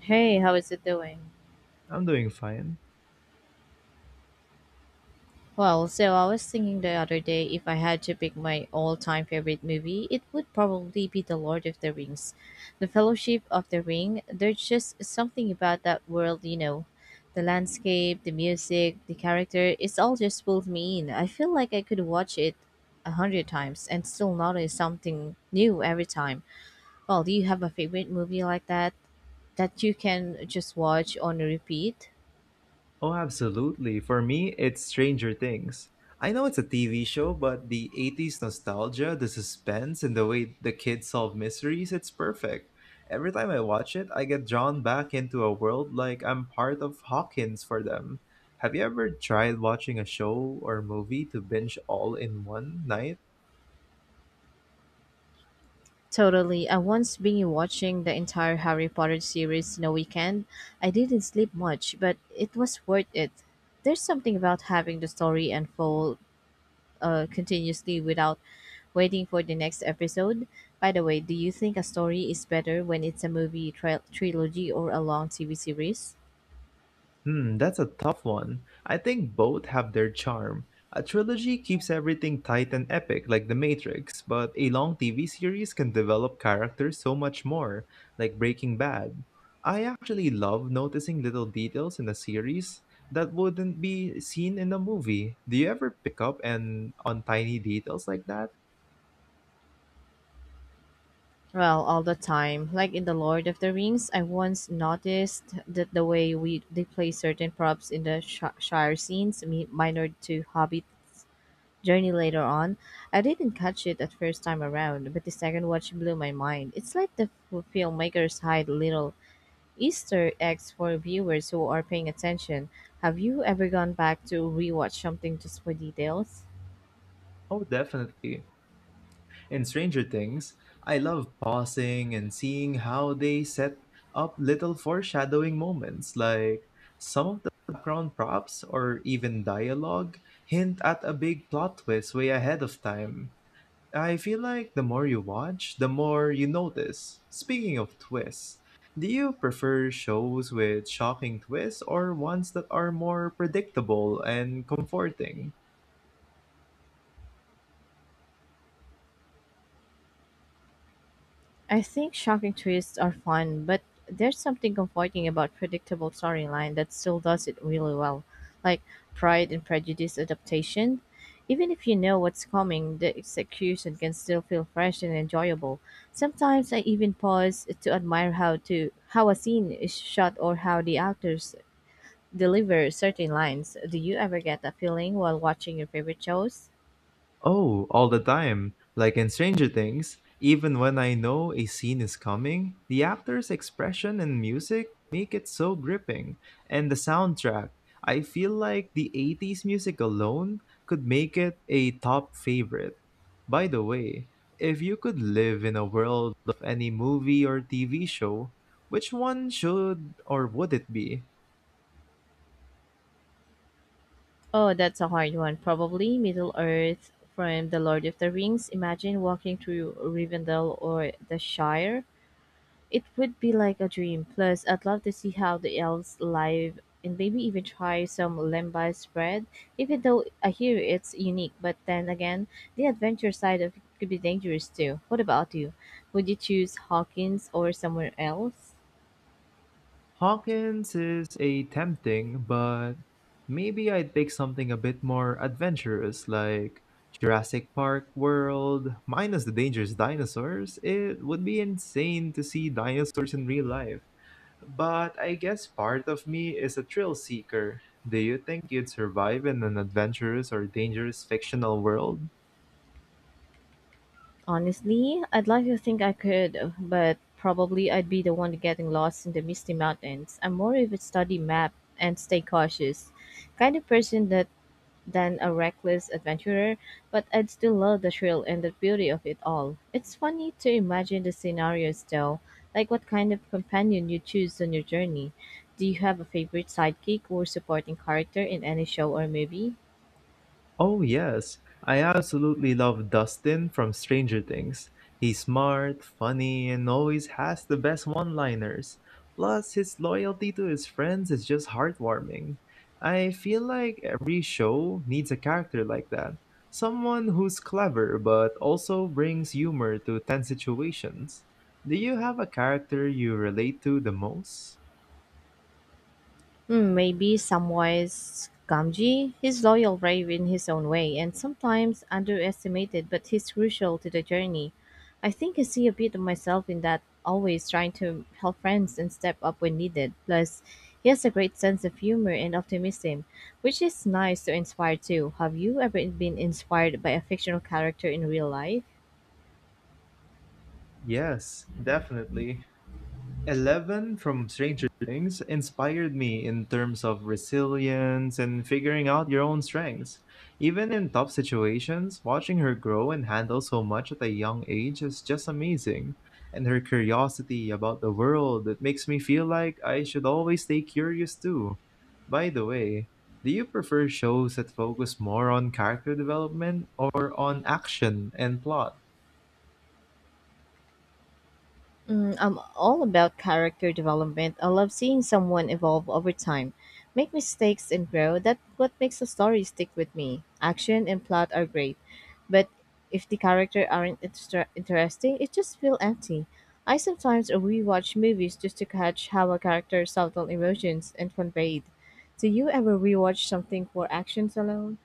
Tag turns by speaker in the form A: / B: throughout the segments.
A: Hey, how is it doing?
B: I'm doing fine.
A: So I was thinking the other day if I had to pick my all time favorite movie, it would probably be The Lord of the Rings. The Fellowship of the Ring, there's just something about that world. The landscape, the music, the character, it's all just pulled me in. I feel like I could watch it a hundred times and still notice something new every time. Well, do you have a favorite movie like that you can just watch on repeat?
B: Oh, absolutely. For me, it's Stranger Things. I know it's a TV show, but the '80s nostalgia, the suspense, and the way the kids solve mysteries, it's perfect. Every time I watch it, I get drawn back into a world like I'm part of Hawkins for them. Have you ever tried watching a show or movie to binge all in one night?
A: Totally. I once been watching the entire Harry Potter series in a weekend. I didn't sleep much, but it was worth it. There's something about having the story unfold continuously without waiting for the next episode. By the way, do you think a story is better when it's a movie trilogy or a long TV series?
B: Hmm, that's a tough one. I think both have their charm. A trilogy keeps everything tight and epic, like The Matrix, but a long TV series can develop characters so much more, like Breaking Bad. I actually love noticing little details in a series that wouldn't be seen in a movie. Do you ever pick up and on tiny details like that?
A: Well, all the time. Like in The Lord of the Rings, I once noticed that the way we they play certain props in the Shire scenes, minor to Hobbit Journey later on. I didn't catch it at first time around, but the second watch blew my mind. It's like the filmmakers hide little Easter eggs for viewers who are paying attention. Have you ever gone back to rewatch something just for details?
B: Oh, definitely. In Stranger Things, I love pausing and seeing how they set up little foreshadowing moments, like some of the background props or even dialogue hint at a big plot twist way ahead of time. I feel like the more you watch, the more you notice. Speaking of twists, do you prefer shows with shocking twists or ones that are more predictable and comforting?
A: I think shocking twists are fun, but there's something comforting about predictable storyline that still does it really well. Like Pride and Prejudice adaptation. Even if you know what's coming, the execution can still feel fresh and enjoyable. Sometimes I even pause to admire how a scene is shot or how the actors deliver certain lines. Do you ever get that feeling while watching your favorite shows?
B: Oh, all the time. Like in Stranger Things, even when I know a scene is coming, the actor's expression and music make it so gripping. And the soundtrack, I feel like the '80s music alone could make it a top favorite. By the way, if you could live in a world of any movie or TV show, which one should or would it be?
A: Oh, that's a hard one. Probably Middle Earth from The Lord of the Rings. Imagine walking through Rivendell or the Shire. It would be like a dream. Plus, I'd love to see how the elves live and maybe even try some lembas bread, even though I hear it's unique. But then again, the adventure side of it could be dangerous too. What about you? Would you choose Hawkins or somewhere else?
B: Hawkins is a tempting, but maybe I'd pick something a bit more adventurous like Jurassic Park World, minus the dangerous dinosaurs. It would be insane to see dinosaurs in real life. But I guess part of me is a thrill seeker. Do you think you'd survive in an adventurous or dangerous fictional world?
A: Honestly, I'd like to think I could, but probably I'd be the one getting lost in the misty mountains. I'm more of a study map and stay cautious kind of person that than a reckless adventurer, but I'd still love the thrill and the beauty of it all. It's funny to imagine the scenarios though, like what kind of companion you choose on your journey. Do you have a favorite sidekick or supporting character in any show or movie?
B: Oh, yes. I absolutely love Dustin from Stranger Things. He's smart, funny, and always has the best one liners. Plus, his loyalty to his friends is just heartwarming. I feel like every show needs a character like that, someone who's clever but also brings humor to tense situations. Do you have a character you relate to the most?
A: Hmm, maybe Samwise Gamgee. He's loyal brave in his own way and sometimes underestimated, but he's crucial to the journey. I think I see a bit of myself in that, always trying to help friends and step up when needed. Plus, he has a great sense of humor and optimism, which is nice to inspire too. Have you ever been inspired by a fictional character in real life?
B: Yes, definitely. Eleven from Stranger Things inspired me in terms of resilience and figuring out your own strengths. Even in tough situations, watching her grow and handle so much at a young age is just amazing. And her curiosity about the world, it makes me feel like I should always stay curious too. By the way, do you prefer shows that focus more on character development or on action and plot?
A: Mm, I'm all about character development. I love seeing someone evolve over time, make mistakes and grow. That's what makes a story stick with me. Action and plot are great, but if the character aren't interesting, it just feels empty. I sometimes rewatch movies just to catch how a character's subtle emotions and conveyed. Do you ever rewatch something for actions alone?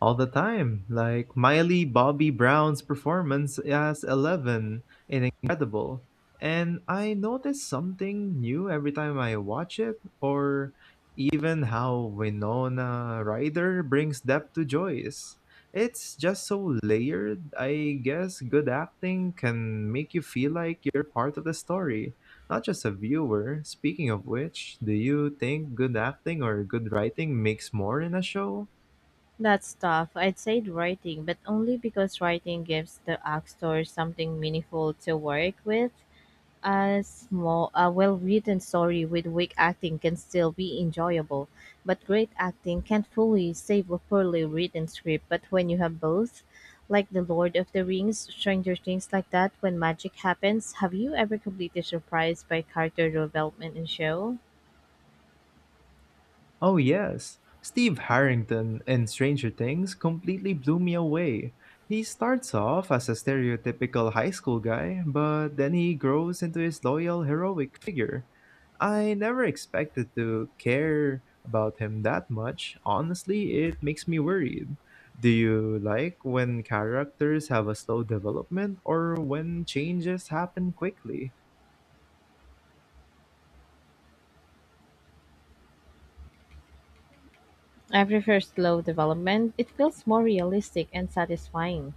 B: All the time. Like Miley Bobby Brown's performance as Eleven in Incredible. And I notice something new every time I watch it, or even how Winona Ryder brings depth to Joyce. It's just so layered. I guess good acting can make you feel like you're part of the story, not just a viewer. Speaking of which, do you think good acting or good writing makes more in a show?
A: That's tough. I'd say the writing, but only because writing gives the actor something meaningful to work with. A small, a well-written story with weak acting can still be enjoyable, but great acting can't fully save a poorly written script. But when you have both, like The Lord of the Rings, Stranger Things, like that, when magic happens, have you ever completely surprised by character development in show?
B: Oh, yes. Steve Harrington in Stranger Things completely blew me away. He starts off as a stereotypical high school guy, but then he grows into his loyal, heroic figure. I never expected to care about him that much. Honestly, it makes me worried. Do you like when characters have a slow development or when changes happen quickly?
A: I prefer slow development. It feels more realistic and satisfying.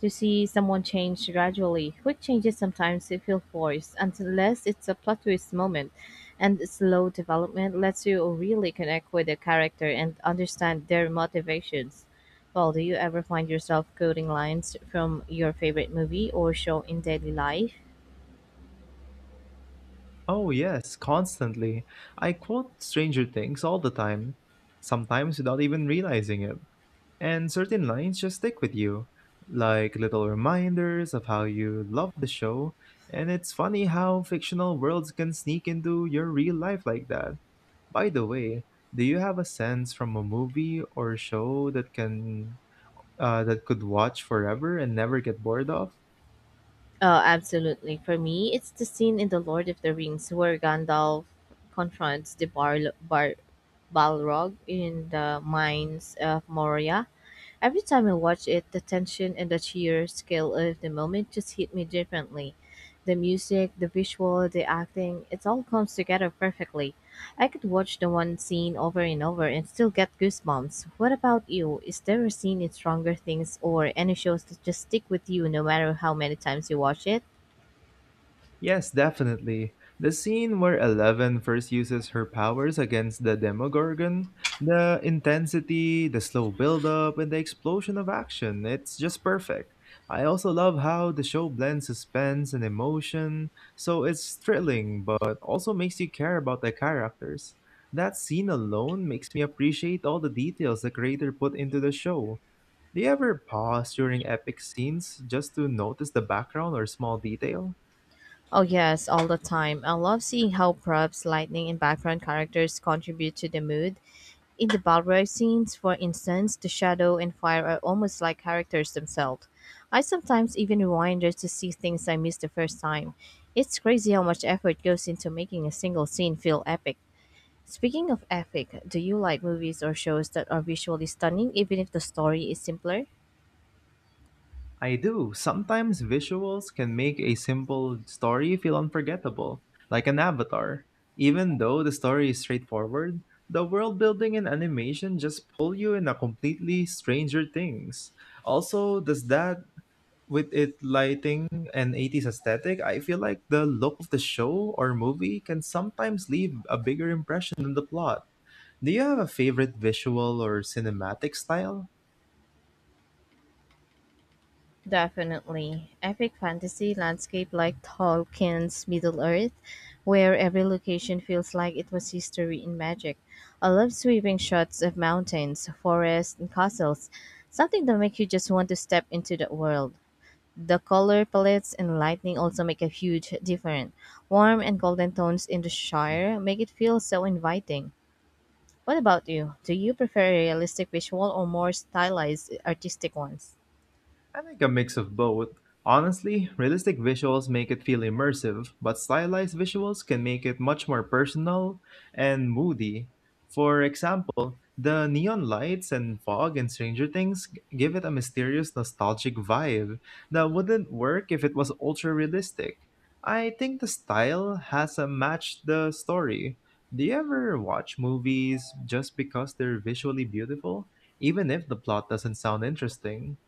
A: To see someone change gradually, quick changes sometimes feel forced unless it's a plot twist moment, and slow development lets you really connect with the character and understand their motivations. Well, do you ever find yourself quoting lines from your favorite movie or show in daily life?
B: Oh, yes, constantly. I quote Stranger Things all the time, sometimes without even realizing it. And certain lines just stick with you, like little reminders of how you love the show. And it's funny how fictional worlds can sneak into your real life like that. By the way, do you have a sense from a movie or show that can that could watch forever and never get bored of?
A: Oh, absolutely. For me, it's the scene in The Lord of the Rings where Gandalf confronts the Balrog in the mines of Moria. Every time I watch it, the tension and the sheer scale of the moment just hit me differently. The music, the visual, the acting, it all comes together perfectly. I could watch the one scene over and over and still get goosebumps. What about you? Is there a scene in Stronger Things or any shows that just stick with you no matter how many times you watch it?
B: Yes, definitely. The scene where Eleven first uses her powers against the Demogorgon, the intensity, the slow build-up, and the explosion of action, it's just perfect. I also love how the show blends suspense and emotion, so it's thrilling but also makes you care about the characters. That scene alone makes me appreciate all the details the creator put into the show. Do you ever pause during epic scenes just to notice the background or small detail?
A: Oh, yes, all the time. I love seeing how props, lightning, and background characters contribute to the mood. In the Balrog scenes, for instance, the shadow and fire are almost like characters themselves. I sometimes even rewind just to see things I missed the first time. It's crazy how much effort goes into making a single scene feel epic. Speaking of epic, do you like movies or shows that are visually stunning even if the story is simpler?
B: I do. Sometimes visuals can make a simple story feel unforgettable, like an avatar. Even though the story is straightforward, the world building and animation just pull you in a completely stranger things. Also, does that with it lighting and '80s aesthetic, I feel like the look of the show or movie can sometimes leave a bigger impression than the plot. Do you have a favorite visual or cinematic style?
A: Definitely. Epic fantasy landscape like Tolkien's Middle Earth, where every location feels like it was history in magic. I love sweeping shots of mountains, forests, and castles. Something that makes you just want to step into that world. The color palettes and lighting also make a huge difference. Warm and golden tones in the Shire make it feel so inviting. What about you? Do you prefer realistic visual or more stylized artistic ones?
B: I think a mix of both. Honestly, realistic visuals make it feel immersive, but stylized visuals can make it much more personal and moody. For example, the neon lights and fog in Stranger Things give it a mysterious, nostalgic vibe that wouldn't work if it was ultra realistic. I think the style has a match the story. Do you ever watch movies just because they're visually beautiful, even if the plot doesn't sound interesting?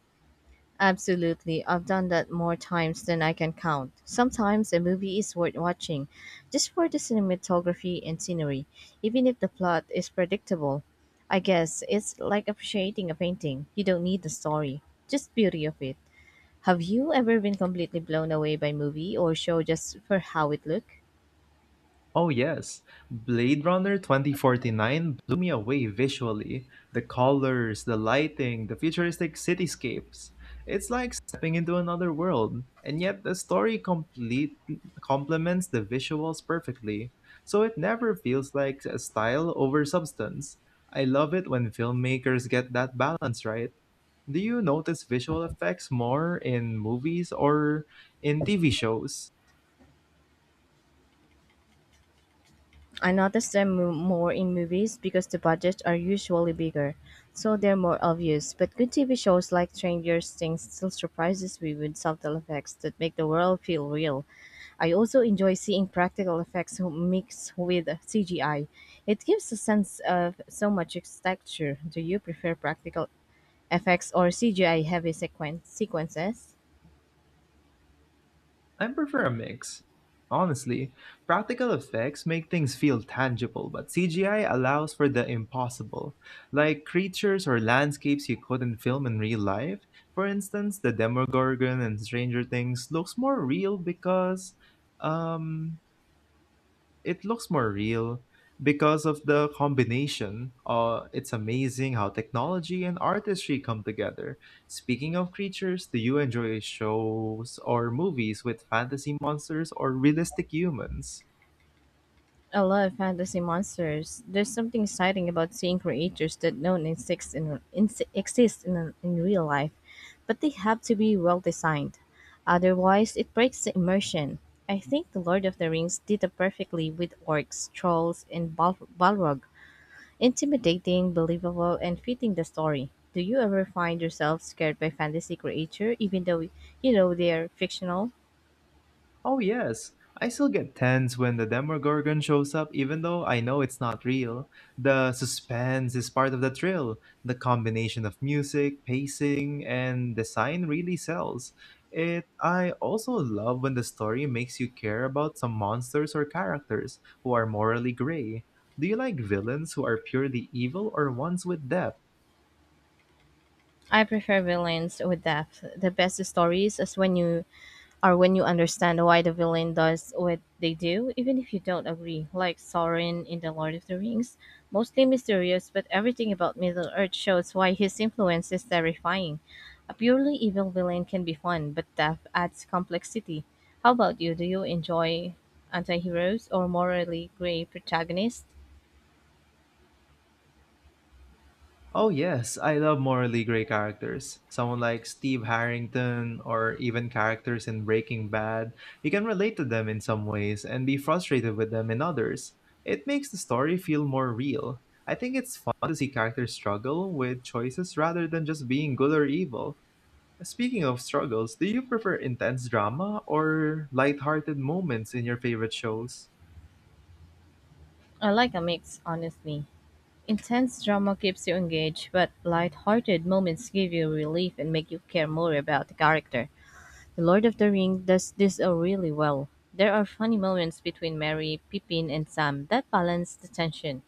A: Absolutely. I've done that more times than I can count. Sometimes a movie is worth watching just for the cinematography and scenery, even if the plot is predictable. I guess it's like appreciating a painting. You don't need the story, just beauty of it. Have you ever been completely blown away by movie or show just for how it looked?
B: Oh, yes. Blade Runner 2049 blew me away visually. The colors, the lighting, the futuristic cityscapes. It's like stepping into another world. And yet, the story complete complements the visuals perfectly, so it never feels like a style over substance. I love it when filmmakers get that balance right. Do you notice visual effects more in movies or in TV shows?
A: I notice them more in movies because the budgets are usually bigger, so they're more obvious. But good TV shows like Stranger Things still surprises me with subtle effects that make the world feel real. I also enjoy seeing practical effects mixed with CGI. It gives a sense of so much texture. Do you prefer practical effects or CGI heavy sequences?
B: I prefer a mix. Honestly, practical effects make things feel tangible, but CGI allows for the impossible, like creatures or landscapes you couldn't film in real life. For instance, the Demogorgon in Stranger Things looks more real because um, it looks more real because of the combination. It's amazing how technology and artistry come together. Speaking of creatures, do you enjoy shows or movies with fantasy monsters or realistic humans?
A: I love fantasy monsters. There's something exciting about seeing creatures that don't exist in exist in real life, but they have to be well designed. Otherwise, it breaks the immersion. I think The Lord of the Rings did it perfectly with orcs, trolls, and Balrog. Intimidating, believable, and fitting the story. Do you ever find yourself scared by fantasy creature, even though you know they are fictional?
B: Oh, yes. I still get tense when the Demogorgon shows up, even though I know it's not real. The suspense is part of the thrill. The combination of music, pacing, and design really sells it. I also love when the story makes you care about some monsters or characters who are morally gray. Do you like villains who are purely evil or ones with depth?
A: I prefer villains with depth. The best stories is when you or when you understand why the villain does what they do, even if you don't agree, like Sauron in The Lord of the Rings. Mostly mysterious, but everything about Middle Earth shows why his influence is terrifying. A purely evil villain can be fun, but death adds complexity. How about you? Do you enjoy anti heroes or morally grey protagonists?
B: Oh, yes, I love morally gray characters. Someone like Steve Harrington or even characters in Breaking Bad. You can relate to them in some ways and be frustrated with them in others. It makes the story feel more real. I think it's fun to see characters struggle with choices rather than just being good or evil. Speaking of struggles, do you prefer intense drama or lighthearted moments in your favorite shows?
A: I like a mix, honestly. Intense drama keeps you engaged, but light hearted moments give you relief and make you care more about the character. The Lord of the Ring does this really well. There are funny moments between Merry, Pippin, and Sam that balance the tension.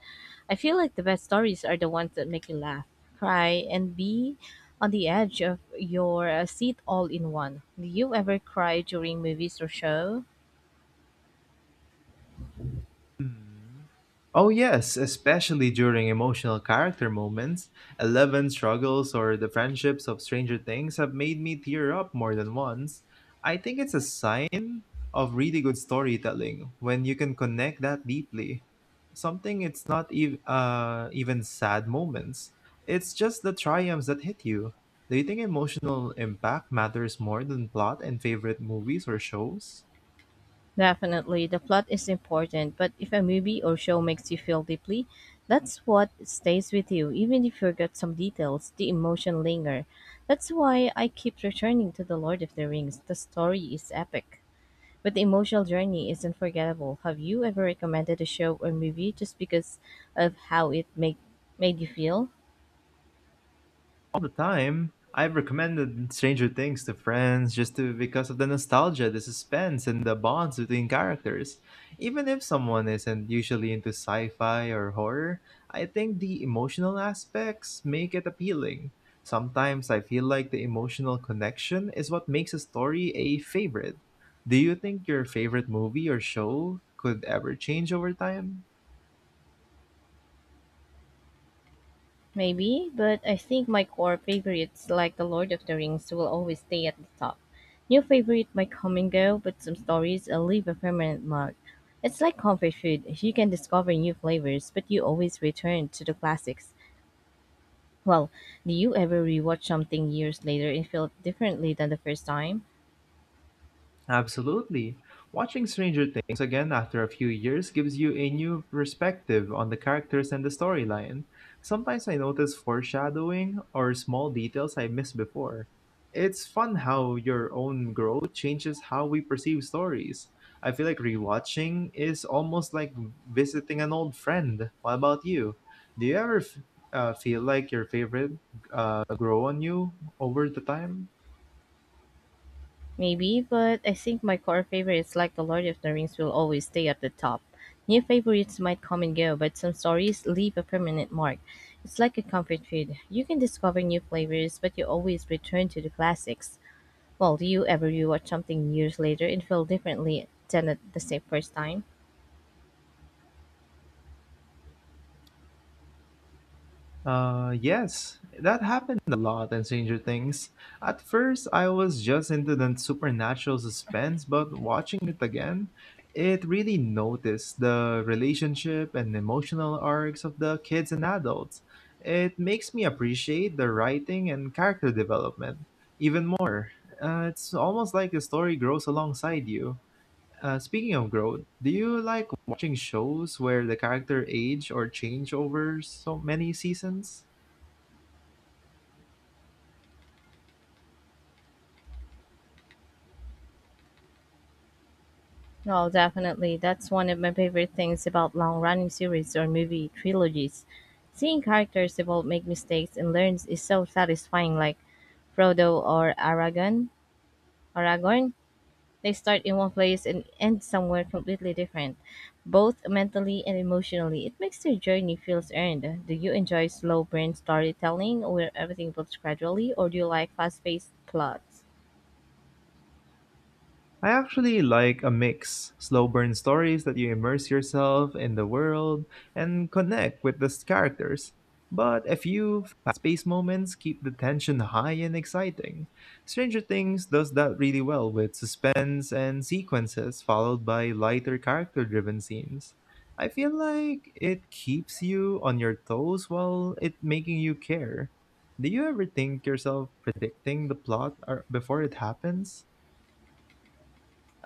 A: I feel like the best stories are the ones that make you laugh, cry, and be on the edge of your seat all in one. Do you ever cry during movies or show?
B: Oh, yes, especially during emotional character moments. Eleven struggles or the friendships of Stranger Things have made me tear up more than once. I think it's a sign of really good storytelling when you can connect that deeply. Something it's not ev- even sad moments, it's just the triumphs that hit you. Do you think emotional impact matters more than plot in favorite movies or shows?
A: Definitely, the plot is important, but if a movie or show makes you feel deeply, that's what stays with you. Even if you forget some details, the emotion linger. That's why I keep returning to The Lord of the Rings. The story is epic, but the emotional journey is unforgettable. Have you ever recommended a show or movie just because of how it made you feel?
B: All the time. I've recommended Stranger Things to friends just to because of the nostalgia, the suspense, and the bonds between characters. Even if someone isn't usually into sci-fi or horror, I think the emotional aspects make it appealing. Sometimes I feel like the emotional connection is what makes a story a favorite. Do you think your favorite movie or show could ever change over time?
A: Maybe, but I think my core favorites, like The Lord of the Rings, will always stay at the top. New favorite might come and go, but some stories will leave a permanent mark. It's like comfort food. You can discover new flavors, but you always return to the classics. Well, do you ever rewatch something years later and feel differently than the first time?
B: Absolutely. Watching Stranger Things again after a few years gives you a new perspective on the characters and the storyline. Sometimes I notice foreshadowing or small details I missed before. It's fun how your own growth changes how we perceive stories. I feel like rewatching is almost like visiting an old friend. What about you? Do you ever feel like your favorite grow on you over the time?
A: Maybe, but I think my core favorites like The Lord of the Rings will always stay at the top. New favorites might come and go, but some stories leave a permanent mark. It's like a comfort food. You can discover new flavors, but you always return to the classics. Well, do you ever rewatch something years later and feel differently than at the same first time?
B: Yes, that happened a lot in Stranger Things. At first, I was just into the supernatural suspense, but watching it again, it really noticed the relationship and emotional arcs of the kids and adults. It makes me appreciate the writing and character development even more. It's almost like the story grows alongside you. Speaking of growth, do you like watching shows where the character age or change over so many seasons?
A: Oh, definitely. That's one of my favorite things about long-running series or movie trilogies. Seeing characters evolve, make mistakes, and learn is so satisfying. Like Frodo or Aragorn, they start in one place and end somewhere completely different, both mentally and emotionally. It makes their journey feels earned. Do you enjoy slow burn storytelling where everything builds gradually, or do you like fast-paced plots?
B: I actually like a mix. Slow burn stories that you immerse yourself in the world and connect with the characters. But a few fast-paced moments keep the tension high and exciting. Stranger Things does that really well with suspense and sequences followed by lighter character-driven scenes. I feel like it keeps you on your toes while it making you care. Do you ever think yourself predicting the plot or before it happens?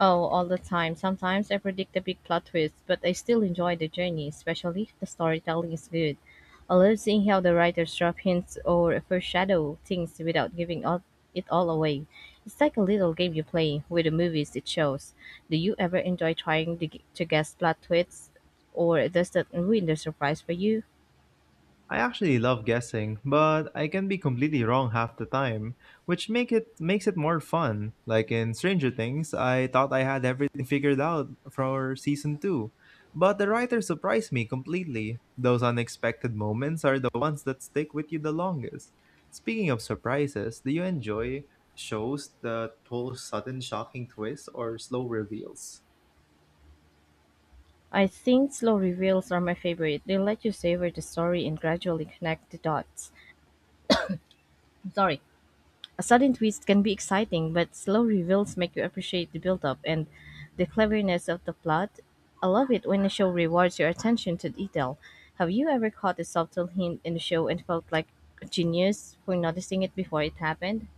A: Oh, all the time. Sometimes I predict the big plot twist, but I still enjoy the journey, especially if the storytelling is good. I love seeing how the writers drop hints or foreshadow things without it all away. It's like a little game you play with the movies it shows. Do you ever enjoy to guess plot twists, or does that ruin the surprise for you?
B: I actually love guessing, but I can be completely wrong half the time, which makes it more fun. Like in Stranger Things, I thought I had everything figured out for season 2, but the writer surprised me completely. Those unexpected moments are the ones that stick with you the longest. Speaking of surprises, do you enjoy shows that pull sudden shocking twists or slow reveals?
A: I think slow reveals are my favorite. They let you savor the story and gradually connect the dots. I'm sorry. A sudden twist can be exciting, but slow reveals make you appreciate the build-up and the cleverness of the plot. I love it when a show rewards your attention to detail. Have you ever caught a subtle hint in a show and felt like a genius for noticing it before it happened?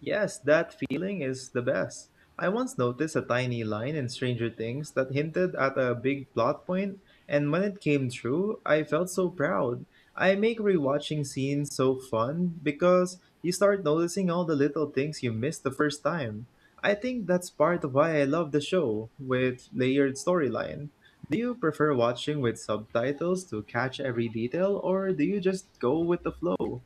B: Yes, that feeling is the best. I once noticed a tiny line in Stranger Things that hinted at a big plot point, and when it came true, I felt so proud. I make rewatching scenes so fun because you start noticing all the little things you missed the first time. I think that's part of why I love the show, with layered storyline. Do you prefer watching with subtitles to catch every detail, or do you just go with the flow?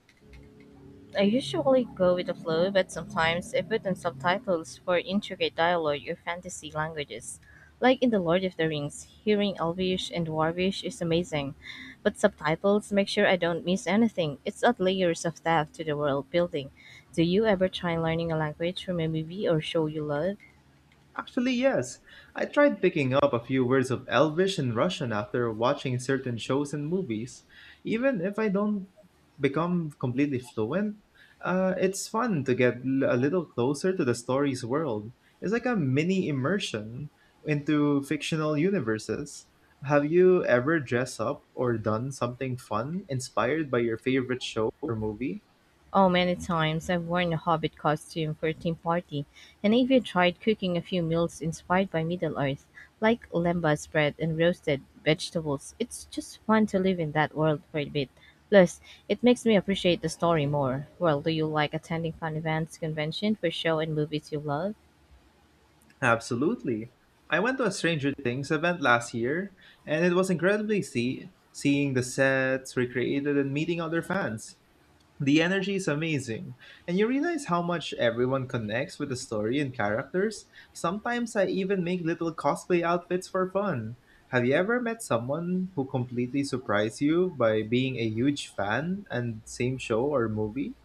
A: I usually go with the flow, but sometimes I put on subtitles for intricate dialogue or fantasy languages. Like in The Lord of the Rings, hearing Elvish and Dwarvish is amazing, but subtitles make sure I don't miss anything. It's add layers of depth to the world building. Do you ever try learning a language from a movie or show you love?
B: Actually, yes. I tried picking up a few words of Elvish and Russian after watching certain shows and movies. Even if I don't become completely fluent, it's fun to a little closer to the story's world. It's like a mini immersion into fictional universes. Have you ever dressed up or done something fun inspired by your favorite show or movie?
A: Oh, many times I've worn a hobbit costume for a team party, and I even tried cooking a few meals inspired by Middle Earth, like lembas bread and roasted vegetables. It's just fun to live in that world for a bit. Plus, it makes me appreciate the story more. Well, do you like attending fun events, convention for show and movies you love?
B: Absolutely. I went to a Stranger Things event last year, and it was incredibly seeing the sets recreated and meeting other fans. The energy is amazing, and you realize how much everyone connects with the story and characters. Sometimes I even make little cosplay outfits for fun. Have you ever met someone who completely surprised you by being a huge fan and same show or movie?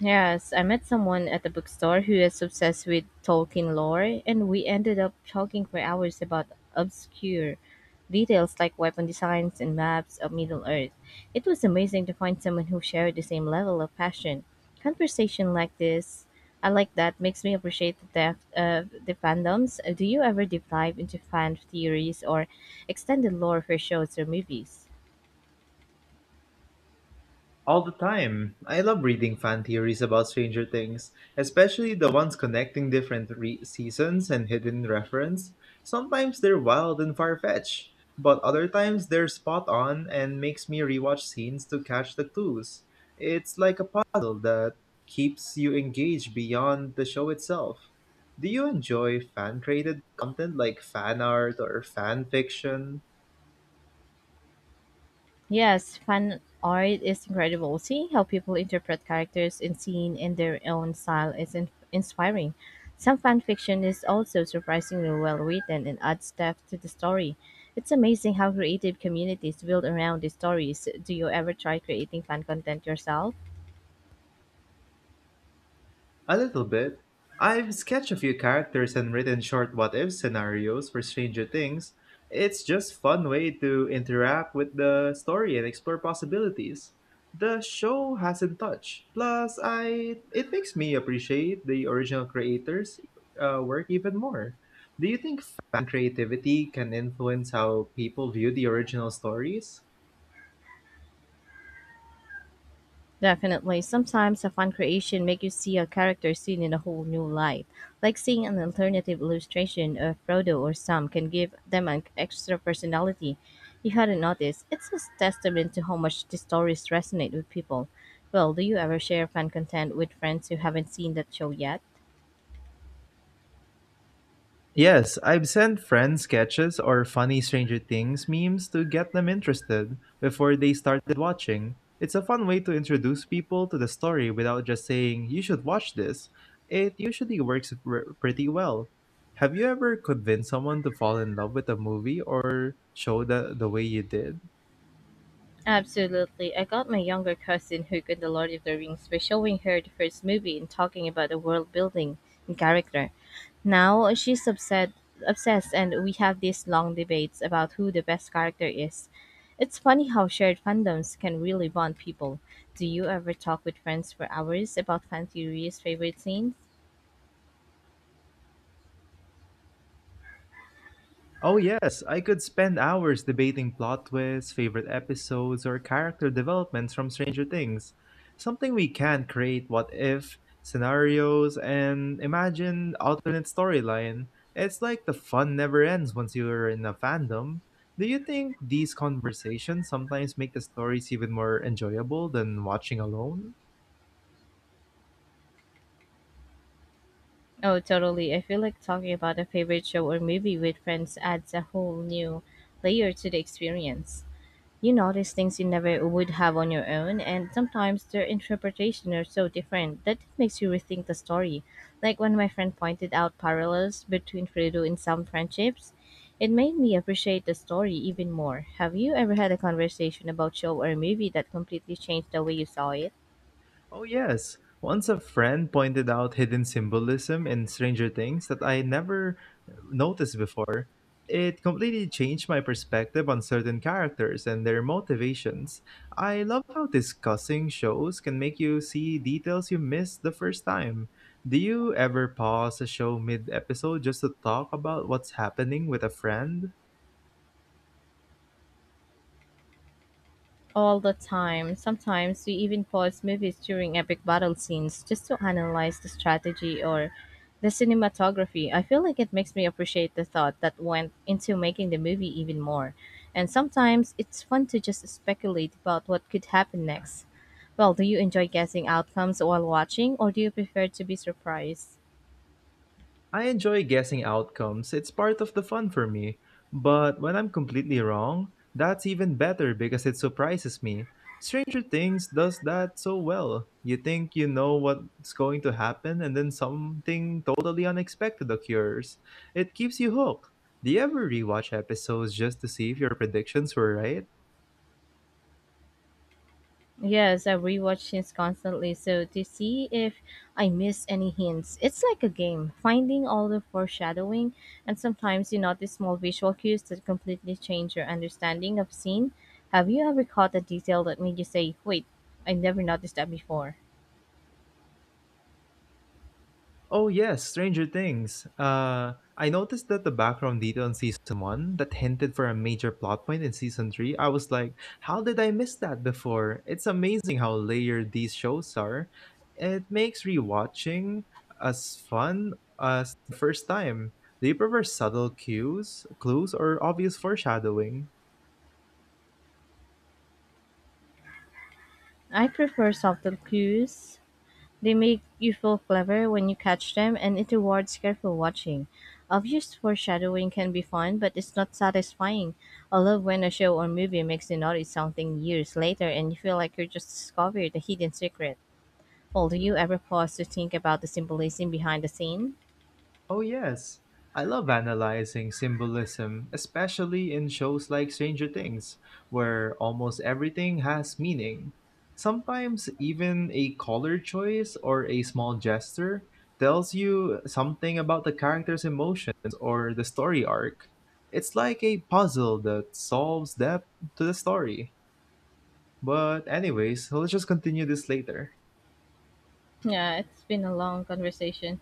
A: Yes, I met someone at the bookstore who is obsessed with Tolkien lore, and we ended up talking for hours about obscure details like weapon designs and maps of Middle Earth. It was amazing to find someone who shared the same level of passion. Conversation like this, I like that, makes me appreciate the depth of the fandoms. Do you ever deep dive into fan theories or extended lore for shows or movies?
B: All the time. I love reading fan theories about Stranger Things, especially the ones connecting different seasons and hidden reference. Sometimes they're wild and far-fetched, but other times they're spot on and makes me rewatch scenes to catch the clues. It's like a puzzle that keeps you engaged beyond the show itself. Do you enjoy fan-created content like fan art or fan fiction?
A: Yes, fan art is incredible. Seeing how people interpret characters and scene in their own style is inspiring. Some fan fiction is also surprisingly well written and adds depth to the story. It's amazing how creative communities build around these stories. Do you ever try creating fan content yourself?
B: A little bit. I've sketched a few characters and written short what if scenarios for Stranger Things. It's just fun way to interact with the story and explore possibilities. The show hasn't touched. Plus, I it makes me appreciate the original creators' work even more. Do you think fan creativity can influence how people view the original stories?
A: Definitely. Sometimes a fan creation make you see a character seen in a whole new light. Like seeing an alternative illustration of Frodo or Sam can give them an extra personality you hadn't noticed. It's a testament to how much the stories resonate with people. Well, do you ever share fan content with friends who haven't seen that show yet?
B: Yes, I've sent friends sketches or funny Stranger Things memes to get them interested before they started watching. It's a fun way to introduce people to the story without just saying, you should watch this. It usually pretty well. Have you ever convinced someone to fall in love with a movie or show the way you did?
A: Absolutely. I got my younger cousin who got The Lord of the Rings by showing her the first movie and talking about the world building and character. Now she's upset, obsessed, and we have these long debates about who the best character is. It's funny how shared fandoms can really bond people. Do you ever talk with friends for hours about fan theories, favorite scenes?
B: Oh, yes, I could spend hours debating plot twists, favorite episodes, or character developments from Stranger Things. Something we can create what if scenarios and imagine alternate storyline. It's like the fun never ends once you're in a fandom. Do you think these conversations sometimes make the stories even more enjoyable than watching alone?
A: Oh, totally. I feel like talking about a favorite show or movie with friends adds a whole new layer to the experience. You notice things you never would have on your own, and sometimes their interpretation are so different that it makes you rethink the story. Like when my friend pointed out parallels between Fredo and some friendships, it made me appreciate the story even more. Have you ever had a conversation about show or a movie that completely changed the way you saw it?
B: Oh, yes. Once a friend pointed out hidden symbolism in Stranger Things that I never noticed before. It completely changed my perspective on certain characters and their motivations. I love how discussing shows can make you see details you missed the first time. Do you ever pause a show mid episode just to talk about what's happening with a friend?
A: All the time. Sometimes we even pause movies during epic battle scenes just to analyze the strategy or the cinematography. I feel like it makes me appreciate the thought that went into making the movie even more. And sometimes it's fun to just speculate about what could happen next. Well, do you enjoy guessing outcomes while watching, or do you prefer to be surprised?
B: I enjoy guessing outcomes, it's part of the fun for me. But when I'm completely wrong, that's even better because it surprises me. Stranger Things does that so well. You think you know what's going to happen, and then something totally unexpected occurs. It keeps you hooked. Do you ever rewatch episodes just to see if your predictions were right?
A: Yes, I rewatch things constantly, so to see if I miss any hints. It's like a game, finding all the foreshadowing, and sometimes you notice small visual cues that completely change your understanding of scene. Have you ever caught a detail that made you say, "Wait, I never noticed that before"?
B: Oh yes, Stranger Things. I noticed that the background detail in season one that hinted for a major plot point in season three. I was like, how did I miss that before? It's amazing how layered these shows are. It makes rewatching as fun as the first time. Do you prefer subtle cues, clues, or obvious foreshadowing?
A: I prefer subtle cues. They make you feel clever when you catch them, and it rewards careful watching. Obvious foreshadowing can be fun, but it's not satisfying. I love when a show or movie makes you notice something years later and you feel like you just discovered a hidden secret. Well, do you ever pause to think about the symbolism behind the scene?
B: Oh, yes. I love analyzing symbolism, especially in shows like Stranger Things, where almost everything has meaning. Sometimes even a color choice or a small gesture tells you something about the character's emotions or the story arc. It's like a puzzle that solves depth to the story. But, anyways, let's just continue this later.
A: Yeah, it's been a long conversation.